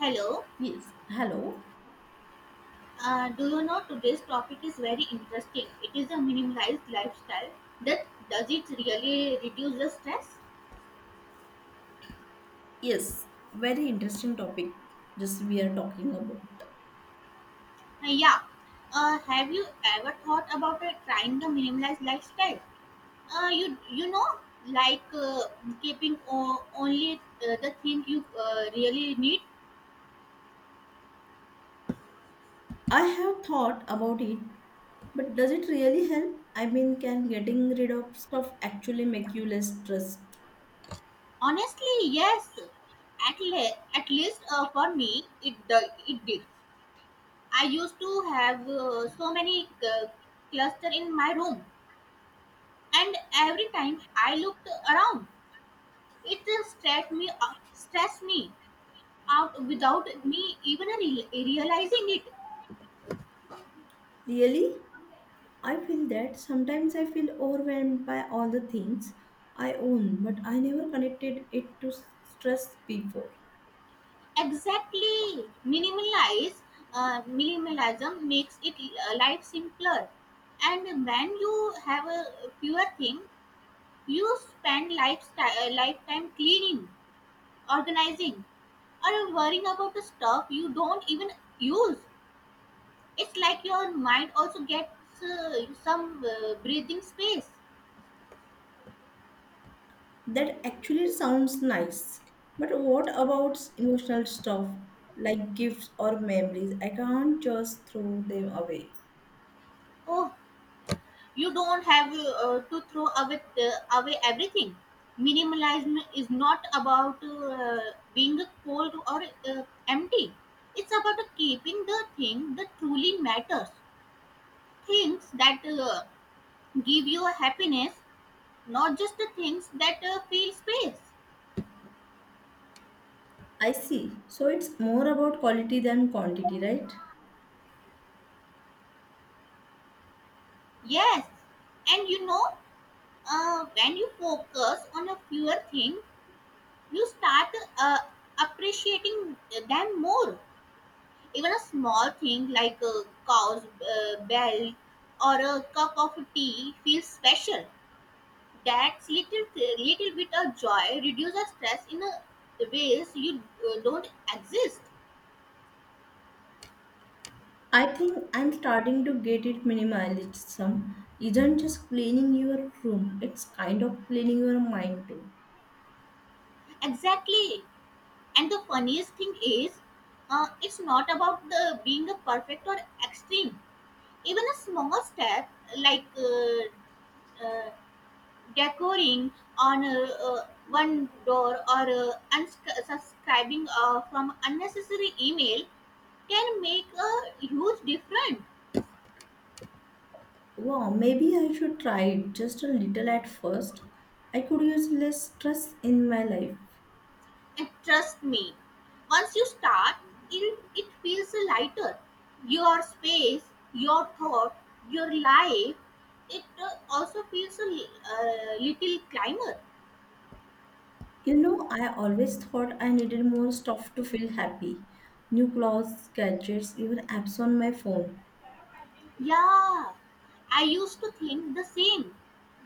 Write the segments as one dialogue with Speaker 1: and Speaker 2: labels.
Speaker 1: Hello.
Speaker 2: Yes, hello.
Speaker 1: Do you know today's topic is very interesting? It is a minimalized lifestyle that does it really reduce the stress?
Speaker 2: Yes, very interesting topic just we are talking about.
Speaker 1: Yeah. Have you ever thought about trying the minimalized lifestyle? Uh, you you know like, keeping only the thing you really need.
Speaker 2: I have thought about it, but does it really help? I mean, can getting rid of stuff actually make you less stressed?
Speaker 1: Honestly, yes. At least for me, it did. I used to have so many cluster in my room, and every time I looked around, it stressed me out without me even realizing it.
Speaker 2: Really? I feel that sometimes I feel overwhelmed by all the things I own, but I never connected it to stress before.
Speaker 1: Exactly, minimalize minimalism makes it life simpler, and when you have a fewer thing, you spend lifetime cleaning, organizing, or worrying about the stuff you don't even use. It's like your mind also gets some breathing space.
Speaker 2: That actually sounds nice. But what about emotional stuff like gifts or memories? I can't just throw them away.
Speaker 1: Oh, you don't have to throw away everything. Minimalism is not about being cold or empty. It's about keeping the thing that truly matters, things that give you happiness, not just the things that fill space.
Speaker 2: I see. So it's more about quality than quantity, right?
Speaker 1: Yes, and when you focus on a fewer thing, you start uh, appreciating them more. Even a small thing like a cow's bell or a cup of tea feels special. That little bit of joy reduces stress in a ways you don't exist.
Speaker 2: I think I'm starting to get it minimalism. Isn't just cleaning your room, it's kind of cleaning your mind too.
Speaker 1: Exactly. And the funniest thing is, it's not about the being a perfect or extreme. Even a small step like decoying on one door or unsubscribing from unnecessary email can make a huge difference.
Speaker 2: Wow, maybe I should try it just a little at first. I could use less stress in my life.
Speaker 1: And trust me, once you start, it feels lighter. Your space, your thought, your life, it also feels a little climber.
Speaker 2: You know, I always thought I needed more stuff to feel happy. New clothes, gadgets, even apps on my phone.
Speaker 1: Yeah, I used to think the same,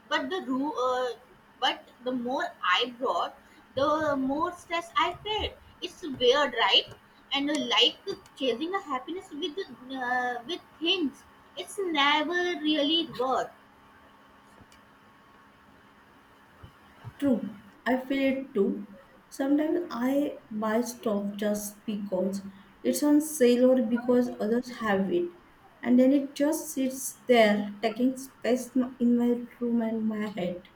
Speaker 1: but the ru- uh, but the more I brought, the more stress I felt. It's weird, right? And like chasing a happiness with things, it's never really worth.
Speaker 2: True, I feel it too. Sometimes I buy stuff just because it's on sale or because others have it. And then it just sits there, taking space in my room and my head.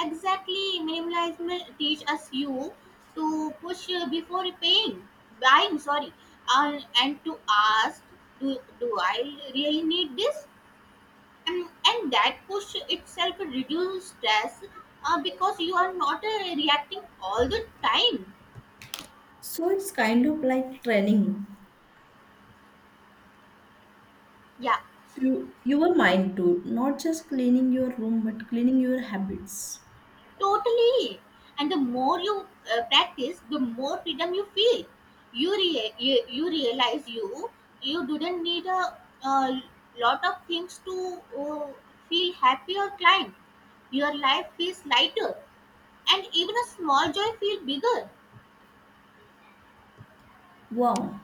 Speaker 1: Exactly, minimalism teach us you to push before buying. Sorry, and to ask, do I really need this? and and that push itself reduces stress because you are not reacting all the time.
Speaker 2: So it's kind of like training
Speaker 1: Yeah,
Speaker 2: you, your mind too, not just cleaning your room, but cleaning your habits.
Speaker 1: totally. And the more you practice, the more freedom you feel. You realize you didn't need a lot of things to feel happy or climb. Your life feels lighter and even a small joy feels bigger.
Speaker 2: Wow,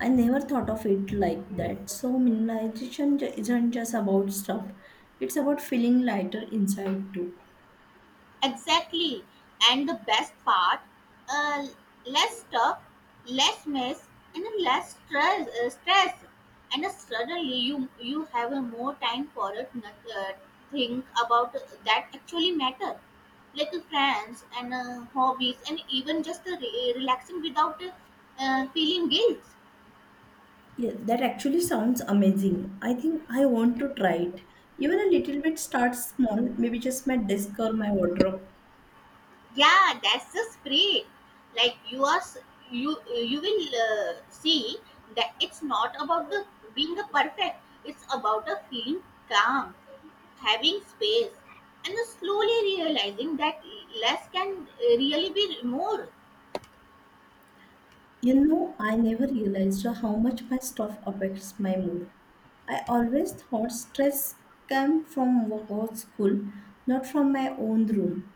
Speaker 2: I never thought of it like that. So minimalization isn't just about stuff; it's about feeling lighter inside too.
Speaker 1: Exactly. And the best part, uh, less stuff, less mess, and less stress. Stress. And suddenly you have a more time for it. Not, think about that actually matter, like friends and hobbies, and even just relaxing without feeling guilt.
Speaker 2: Yeah, that actually sounds amazing. I think I want to try it. Even a little bit start small, maybe just my desk or my wardrobe.
Speaker 1: Yeah, that's the spirit. Like, you are s- you will see that it's not about the being a perfect. It's about a feeling calm, having space, and slowly realizing that less can really be more.
Speaker 2: You know, I never realized how much my stuff affects my mood. I always thought stress came from work or school, not from my own room.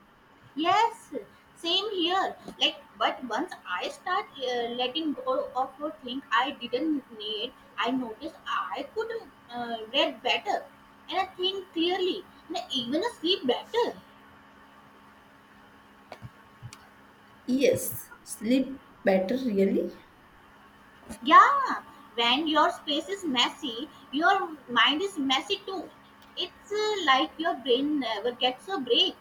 Speaker 1: Yes, same here. Like, but once I start letting go of a thing I didn't need, I noticed I could read better, and I think clearly, and I even sleep better.
Speaker 2: Yes, sleep better really?
Speaker 1: Yeah, when your space is messy, your mind is messy too. It's like your brain never gets a break.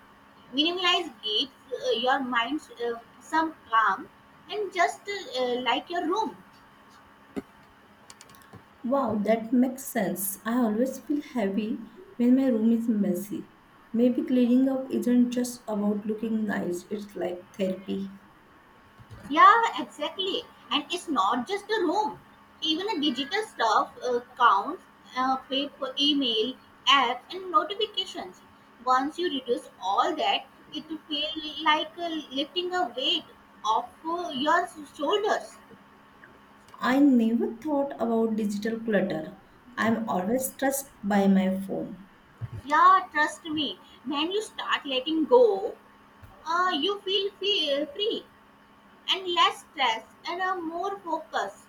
Speaker 1: Minimalize gives your mind some calm, and just like your room.
Speaker 2: Wow, that makes sense. I always feel heavy when my room is messy. Maybe cleaning up isn't just about looking nice, it's like therapy.
Speaker 1: Yeah, exactly. And it's not just a room. Even the digital stuff counts, paper, email, apps, and notifications. Once you reduce all that, it will feel like lifting a weight off your shoulders.
Speaker 2: I never thought about digital clutter. I'm always stressed by my phone.
Speaker 1: Yeah, trust me. When you start letting go, you feel free. And less stress, and a more focus,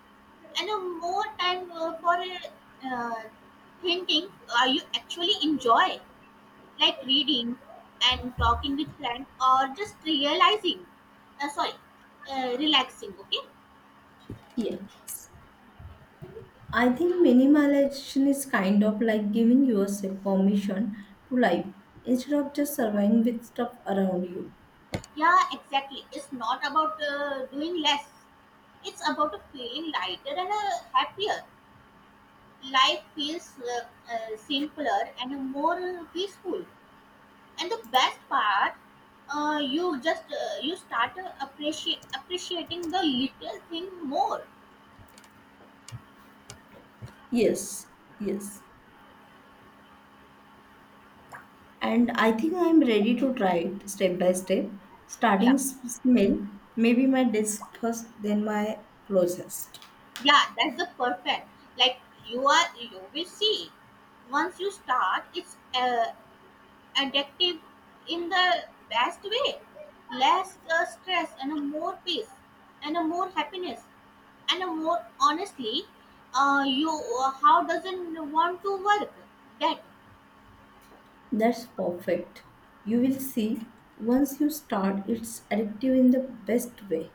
Speaker 1: and a more time for uh, thinking you actually enjoy, like reading and talking with friends or just realizing sorry relaxing. Okay.
Speaker 2: Yes. I think minimalization is kind of like giving yourself permission to live instead of just surviving with stuff around you.
Speaker 1: Yeah, exactly. It's not about doing less. It's about a feeling lighter and happier. Life feels simpler and more peaceful. And the best part, you start appreciate appreciating the little thing more.
Speaker 2: Yes, yes. And I think I am ready to try it step by step, starting
Speaker 1: Yeah,
Speaker 2: s- small, maybe my desk first, then my closest.
Speaker 1: yeah, that's the perfect. Like, you are you will see, once you start, it's addictive in the best way. Less stress, and a more peace, and a more happiness, and a more honestly. You how doesn't want to work that.
Speaker 2: That's perfect. You will see once you start, it's addictive in the best way.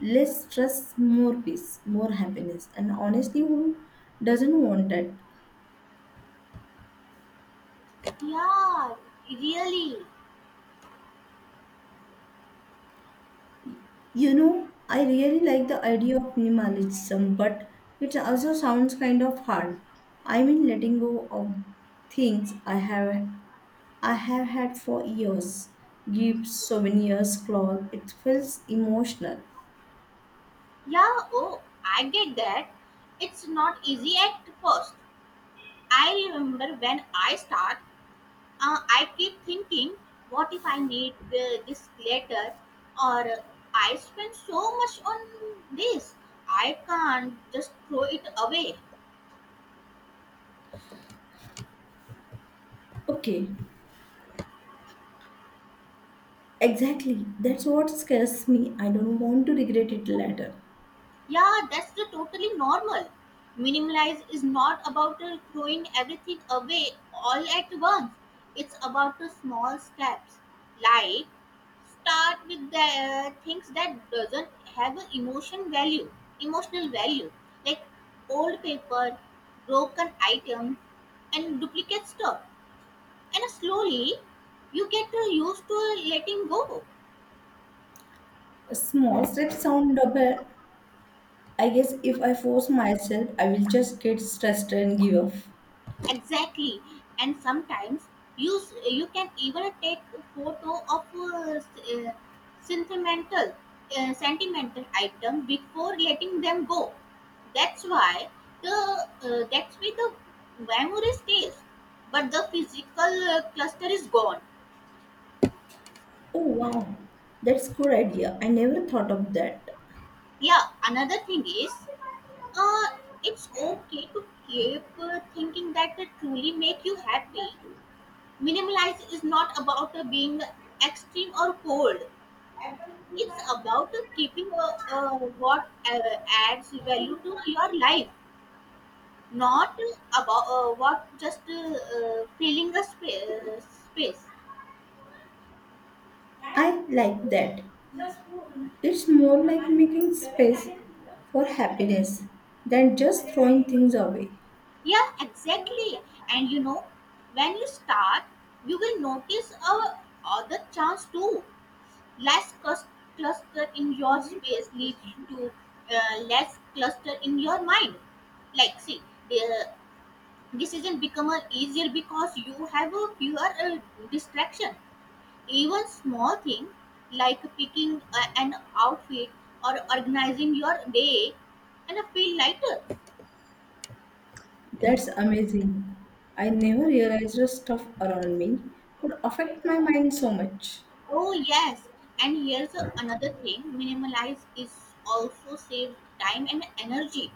Speaker 2: Less stress, more peace, more happiness. And honestly, who doesn't want that?
Speaker 1: Yeah, really.
Speaker 2: You know, I really like the idea of minimalism, but it also sounds kind of hard. I mean, letting go of things I have had for years. Gifts, souvenirs, clothes. It feels emotional.
Speaker 1: Yeah, oh, I get that. It's not easy at first. I remember when I start, I keep thinking, what if I need this later? Or I spend so much on this, I can't just throw it away.
Speaker 2: Okay, exactly. That's what scares me. I don't want to regret it later.
Speaker 1: Yeah, that's the totally normal. Minimalize is not about throwing everything away all at once. It's about the small steps. Like, start with the things that doesn't have an emotional value, like old paper, broken items, and duplicate stuff. And slowly, you get used to letting go.
Speaker 2: Small steps sound double. I guess if I force myself, I will just get stressed and give up.
Speaker 1: Exactly. And sometimes you can even take a photo of sentimental sentimental item before letting them go. that's why the that's why the memory stays but the physical cluster is gone.
Speaker 2: Oh wow, that's good idea. I never thought of that.
Speaker 1: Yeah, another thing is, uh, it's okay to keep thinking that it truly make you happy. Minimalize is not about being extreme or cold. It's about keeping what adds value to your life, not about what just filling a space.
Speaker 2: I like that. It's more like making space for happiness than just throwing things away.
Speaker 1: Yeah, exactly. And when you start, you will notice other chance too. Less cluster in your space leads to less cluster in your mind. Like, see, the decision become easier because you have a fewer distraction. Even small things like picking an outfit or organizing your day and feel lighter.
Speaker 2: That's amazing. I never realized the stuff around me could affect my mind so much.
Speaker 1: Oh, yes. And here's another thing, minimalize is also save time and energy.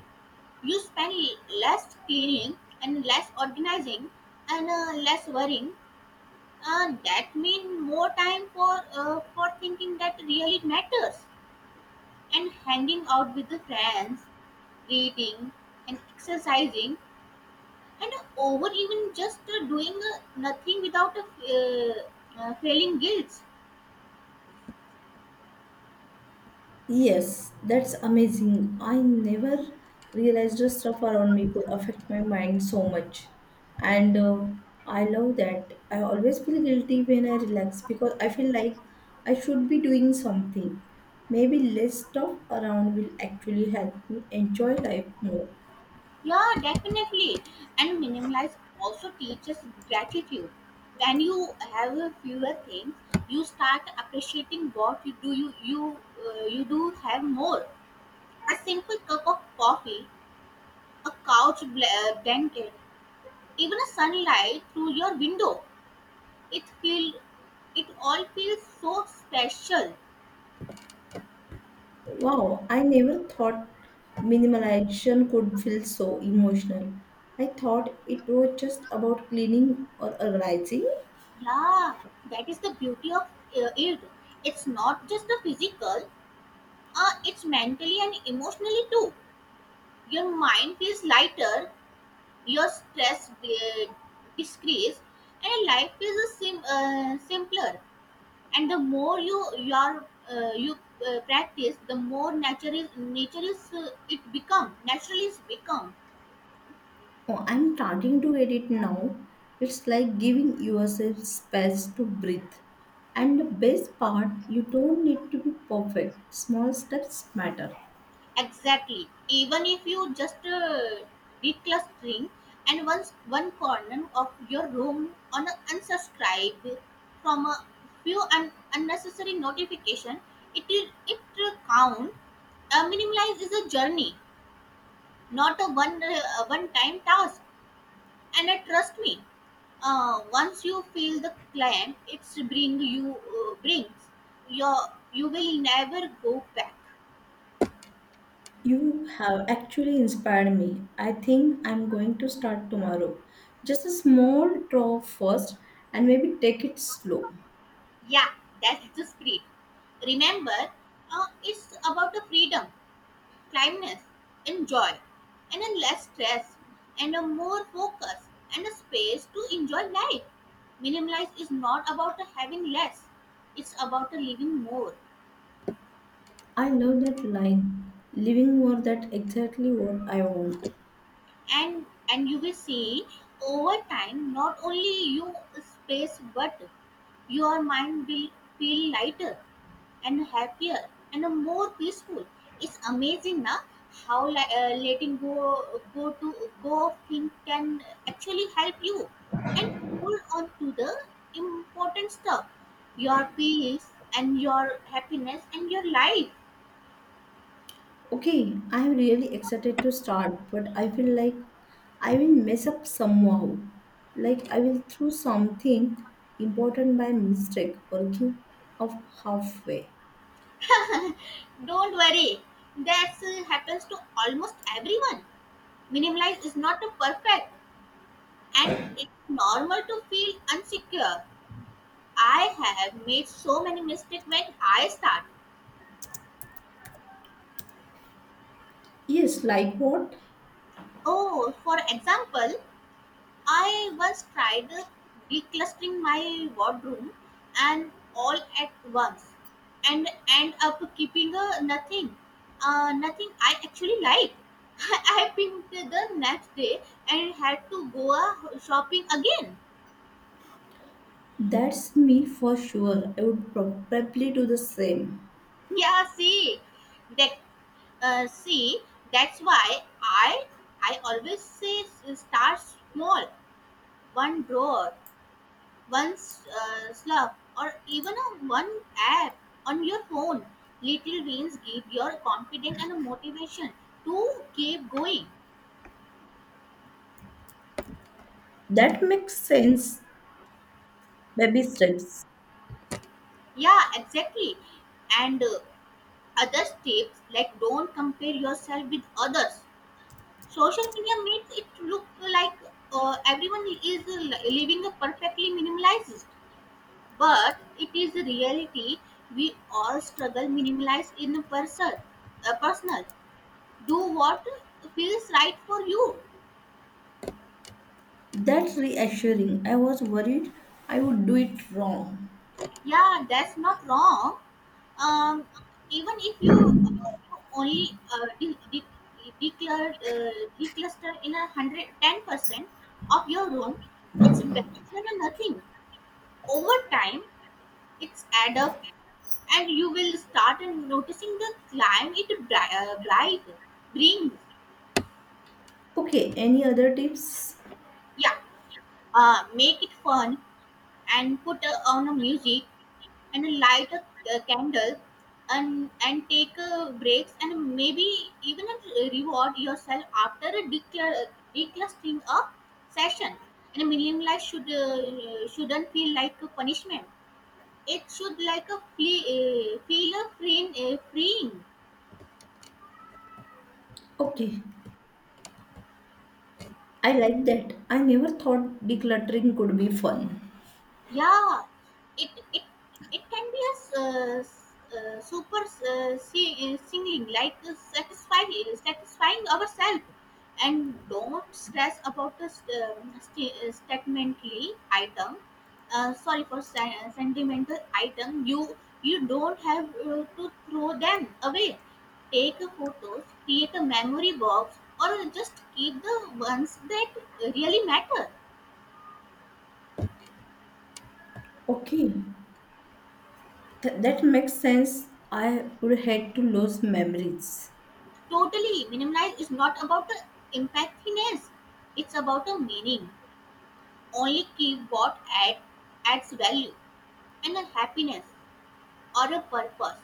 Speaker 1: You spend less cleaning, and less organizing, and less worrying. That mean more time for thinking that really matters, and hanging out with the friends, reading, and exercising, and over even just doing nothing without feeling guilt.
Speaker 2: Yes, that's amazing. I never realized the stuff around me could affect my mind so much. And I love that. I always feel guilty when I relax because I feel like I should be doing something. Maybe less stuff around will actually help me enjoy life more.
Speaker 1: Yeah, definitely. And minimalize also teaches gratitude. When you have a fewer things, you start appreciating what you do. You do have more: a simple cup of coffee, a couch blanket, even a sunlight through your window. It feel it all feels so special.
Speaker 2: Wow, I never thought minimalization could feel so emotional. I thought it was just about cleaning or organizing.
Speaker 1: Yeah, that is the beauty of it. It's not just the physical, it's mentally and emotionally too. Your mind feels lighter, your stress decreases, and life feels simpler. And the more you practice, the more nature is it become naturally is become.
Speaker 2: Oh, I'm starting to get it now. It's like giving yourself space to breathe. And the best part, you don't need to be perfect. Small steps matter.
Speaker 1: Exactly. Even if you just declustering and once one corner of your room on a unsubscribe from a few unnecessary notification, it count. Minimalize is a journey, not a one time task. And trust me, once you feel the climb, it's bring you brings your you will never go back.
Speaker 2: You have actually inspired me. I think I'm going to start tomorrow. Just a small draw first and maybe take it slow.
Speaker 1: Yeah, that's the spirit. Remember, it's about a freedom, kindness, and joy, and a less stress, and a more focus, and a space to enjoy life. Minimalize is not about a having less; it's about a living more.
Speaker 2: I love that line. Living more that exactly what I want.
Speaker 1: And you will see over time not only you space but your mind will feel lighter, and happier, and more peaceful. It's amazing now how letting go of thing can actually help you and hold on to the important stuff: your peace, and your happiness, and your life.
Speaker 2: Okay, I'm really excited to start, but I feel like I will mess up somehow. Like I will throw something important by mistake or give up halfway.
Speaker 1: Don't worry, that happens to almost everyone. Minimalize is not a perfect, and it's normal to feel insecure. I have made so many mistakes when I start.
Speaker 2: Yes, like what?
Speaker 1: Oh, for example, I once tried declustering my wardrobe and all at once and end up keeping nothing. Nothing I actually like. I picked the next day and had to go shopping again.
Speaker 2: That's me for sure. I would probably do the same.
Speaker 1: Yeah, see. Uh, see, that's why I always say start small, one drawer, one slug, or even a one app on your phone. Little wins give your confidence and motivation to keep going.
Speaker 2: That makes sense. Baby steps.
Speaker 1: Yeah, exactly. And other tips like don't compare yourself with others. Social media makes it look like everyone is living a perfectly minimalized. But it is a reality we all struggle minimalize in a a personal. Do what feels right for you.
Speaker 2: That's reassuring. I was worried I would do it wrong.
Speaker 1: Yeah, that's not wrong. Um, Even if you only declare, uh, decluster in 110% of your room, it's better than nothing. Over time, it's add up, and you will start and noticing the climb it bri- bright brings.
Speaker 2: Okay, any other tips?
Speaker 1: Yeah, make it fun and put on a music and light a candle and take breaks and maybe even reward yourself after a declustering a session and minimalize shouldn't feel like a punishment it should like a feel a freeing.
Speaker 2: Okay, I like that. I never thought decluttering could be fun.
Speaker 1: Yeah, it it can be a super singing like satisfy satisfying ourselves, and don't stress about the sentimentally item. Sorry, for sentimental item. You don't have to throw them away. Take a photos, create a memory box, or just keep the ones that really matter.
Speaker 2: Okay, that makes sense. I would hate to lose memories.
Speaker 1: Totally. Minimalize is not about the impactfulness. It's about the meaning. Only keep adds value and a happiness or a purpose.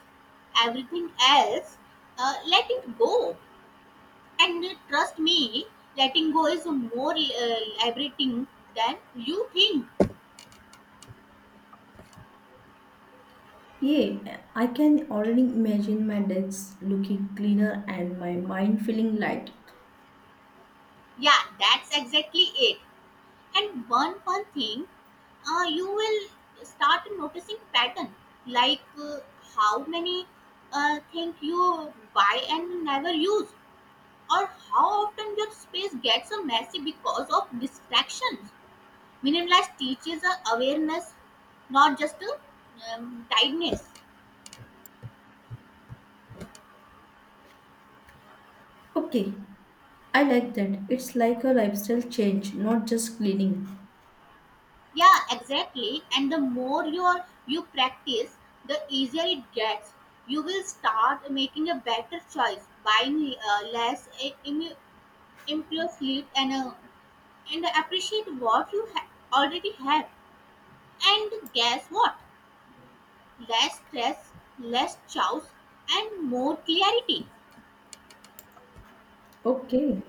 Speaker 1: Everything else, let it go. And trust me, letting go is more liberating than you think.
Speaker 2: Yeah, I can already imagine my desk looking cleaner and my mind feeling light.
Speaker 1: Yeah, that's exactly it. And one fun thing, you will start noticing pattern, like how many things you buy and never use, or how often your space gets a messy because of distractions. Minimalist teaches awareness, not just a tightness.
Speaker 2: Okay, I like that. It's like a lifestyle change, not just cleaning.
Speaker 1: Yeah, exactly. And the more you practice, the easier it gets. You will start making a better choice, buying less improve sleep, and appreciate what you already have. And guess what? Less stress, less chaos, and more clarity.
Speaker 2: Okay,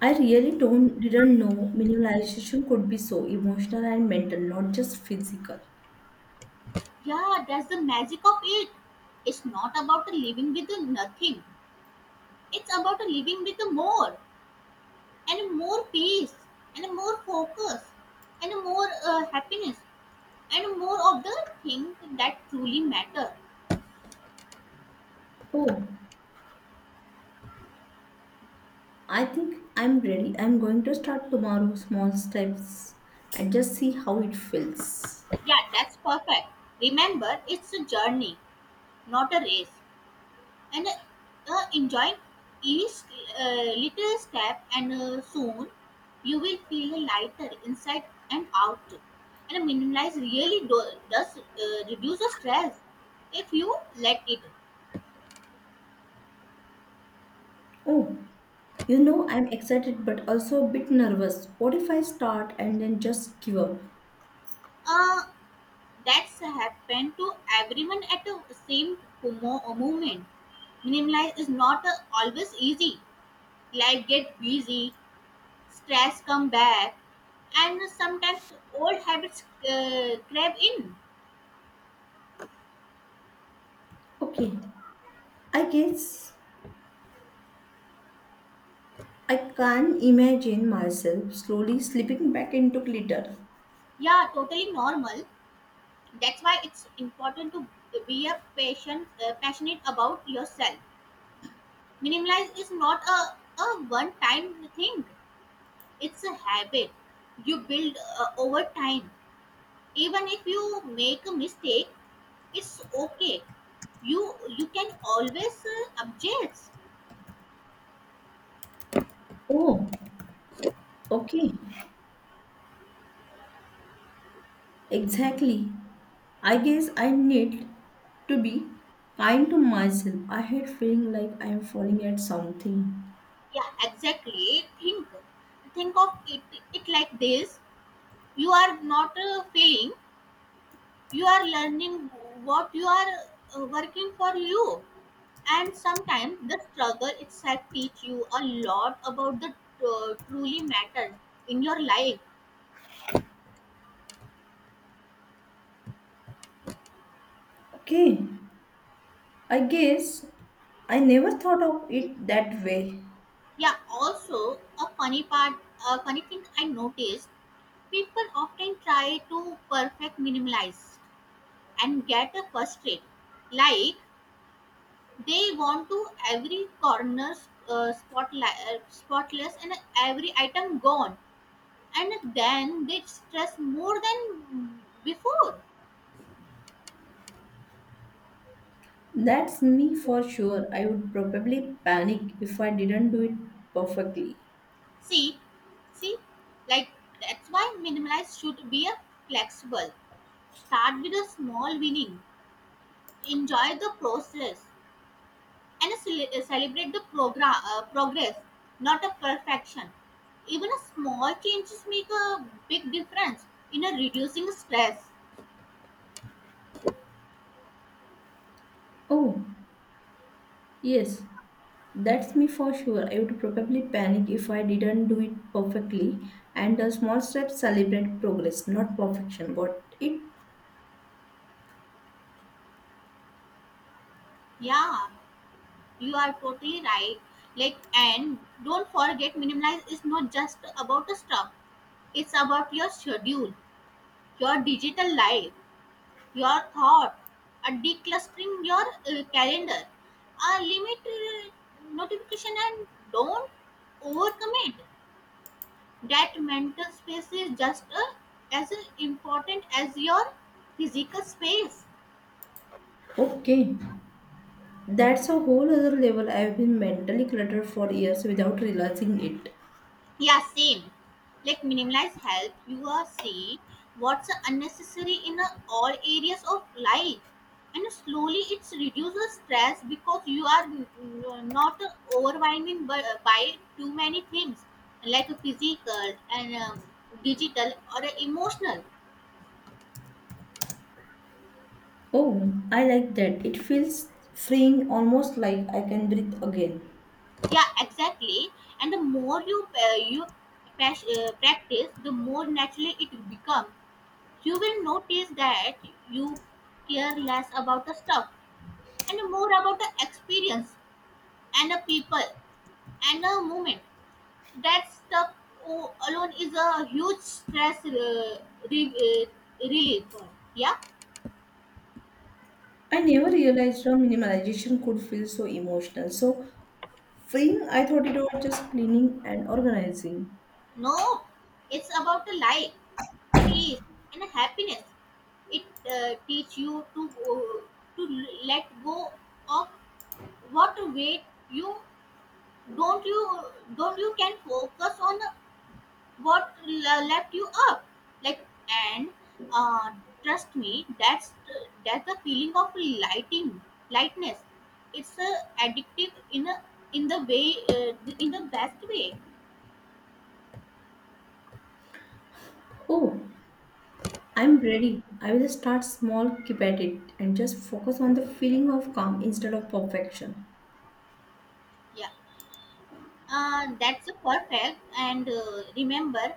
Speaker 2: I really don't didn't know minimalization could be so emotional and mental, not just physical.
Speaker 1: Yeah, that's the magic of it. It's not about living with nothing, it's about living with more, and more peace, and more focus, and more happiness, and more of the things that truly matter.
Speaker 2: Oh, I think I'm ready. I'm going to start tomorrow, small steps, and just see how it feels.
Speaker 1: Yeah, that's perfect. Remember, it's a journey, not a race. And enjoy each little step, and soon you will feel lighter inside and out. And minimize really does reduce the stress if you let it.
Speaker 2: Oh, you know, I'm excited but also a bit nervous. What if I start and then just give up?
Speaker 1: uh, that's happened to everyone at the same moment. Minimalize is not always easy. Life get busy, stress come back, and sometimes old habits crave in.
Speaker 2: Okay, I guess I can not imagine myself slowly slipping back into glitter.
Speaker 1: Yeah, totally normal. That's why it's important to be a passionate about yourself. Minimalize is not a, a one-time thing. It's a habit you build over time. Even if you make a mistake, it's okay. You can always object.
Speaker 2: Oh, okay, exactly. I guess I need to be kind to myself. I hate feeling like I am falling at something.
Speaker 1: Yeah, exactly. Think of it like this. You are not failing. You are learning what you are working for you. And sometimes the struggle itself teach you a lot about the truly matters in your life.
Speaker 2: Okay, I guess I never thought of it that way.
Speaker 1: Yeah, also a funny part, a funny thing I noticed, people often try to perfect minimalize and get a frustrated, like, they want to every corner spotlight spotless, and every item gone, and then they stress more than before.
Speaker 2: That's me for sure. I would probably panic if I didn't do it perfectly.
Speaker 1: See, See, like, that's why minimalize should be a flexible. Start with a small winning, enjoy the process, and celebrate the program progress, not a perfection. Even a small changes make a big difference in a reducing stress.
Speaker 2: Oh, yes, that's me for sure. I would probably panic if I didn't do it perfectly. And the small steps celebrate progress, not perfection. Got it?
Speaker 1: Yeah, you are totally right. Like, and don't forget, minimalize is not just about the stuff. It's about your schedule, your digital life, your thought, a declustering your calendar, a limit notification, and don't overcommit. That mental space is just as important as your physical space.
Speaker 2: Okay. That's a whole other level. I've been mentally cluttered for years without realizing it.
Speaker 1: Yeah, same. Like, minimalize help you are see what's unnecessary in all areas of life, and slowly it's reduces stress because you are not overwhelming by too many things, like physical, and digital, or emotional.
Speaker 2: Oh, I like that. It feels freeing, almost like I can breathe again.
Speaker 1: Yeah, exactly. And the more you practice, the more naturally it becomes. You will notice that you care less about the stuff and more about the experience, and the people, and the moment. That stuff alone is a huge stress re- uh, relief. Yeah,
Speaker 2: I never realized how minimalization could feel so emotional. So freeing, I thought it was just cleaning and organizing.
Speaker 1: no, it's about the life, peace, and the happiness. It teach you to let go of what weight you you don't you can focus on what left you up, like, and uh, trust me, that's the feeling of lighting lightness. It's a addictive in a, in the way uh, in the best way.
Speaker 2: Oh, I'm ready. I will start small, keep at it, and just focus on the feeling of calm instead of perfection.
Speaker 1: Yeah. That's a perfect. And remember,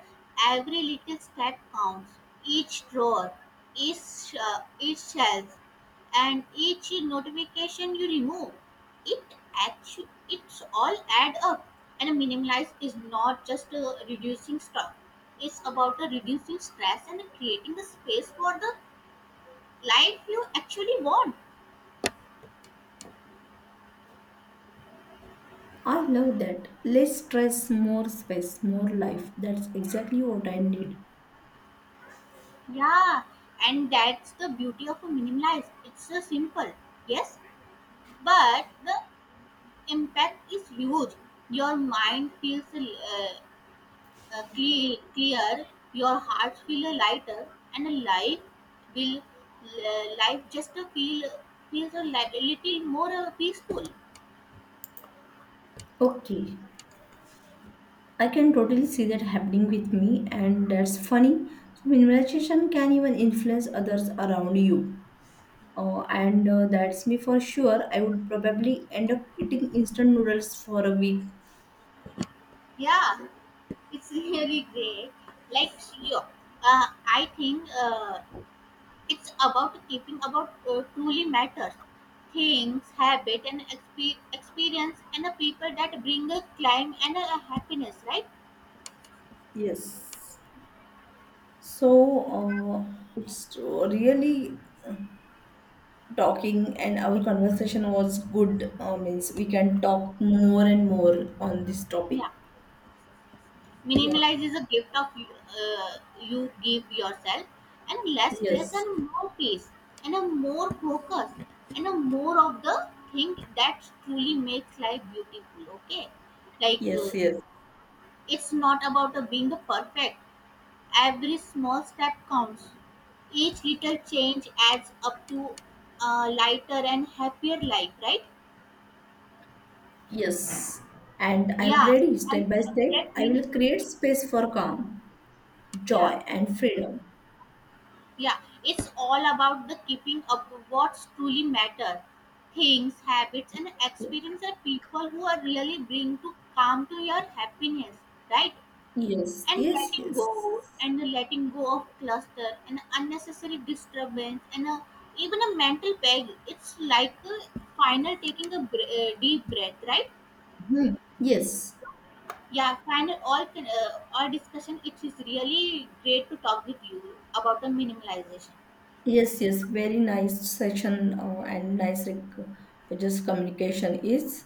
Speaker 1: every little step counts. Each drawer, each each shelf, and each notification you remove, it actually it's all add up. And minimalize is not just reducing stuff. It's about reducing stress and creating the space for the life you actually want.
Speaker 2: I love that. Less stress, more space, more life. That's exactly what I need.
Speaker 1: Yeah, and that's the beauty of a minimalize. It's simple. Yes. But the impact is huge. Your mind feels clear, your heart feels lighter, and life will life just feel feels a a little more peaceful.
Speaker 2: Okay, I can totally see that happening with me, and that's funny. So, minimalization can even influence others around you. And That's me for sure. I would probably end up eating instant noodles for a week.
Speaker 1: Yeah, it's really great. Like, you, uh, I think, it's about keeping about truly matters, things, habit, and experience, and the people that bring a climb and a happiness, right?
Speaker 2: Yes. So, it's really talking, and our conversation was good. Means we can talk more and more on this topic.
Speaker 1: Yeah,
Speaker 2: Yeah.
Speaker 1: minimalize is a gift of you, give yourself, and less stress
Speaker 2: Yes.
Speaker 1: and more peace, and a more focus, and a more of the thing that truly makes life beautiful. Okay, like uh,
Speaker 2: Yes. Yes.
Speaker 1: it's not about being the perfect. Every small step counts. Each little change adds up to a lighter and happier life, right?
Speaker 2: Yes, and I'm
Speaker 1: Yeah,
Speaker 2: ready
Speaker 1: and
Speaker 2: step by step. I
Speaker 1: exactly.
Speaker 2: will create space for calm,
Speaker 1: Yeah,
Speaker 2: joy, and freedom.
Speaker 1: Yeah, it's all about the keeping up with what's truly matter. Things, habits, and experience are people who are really bring to calm to your happiness, right?
Speaker 2: Yes,
Speaker 1: And
Speaker 2: yes,
Speaker 1: letting
Speaker 2: yes,
Speaker 1: go, and the letting go of cluster and unnecessary disturbance, and even a mental peg. It's like a final taking a deep breath, right?
Speaker 2: yes,
Speaker 1: Yeah, final all discussion. It is really great to talk with you about the minimalization.
Speaker 2: yes, yes. Very nice session and nice just communication is.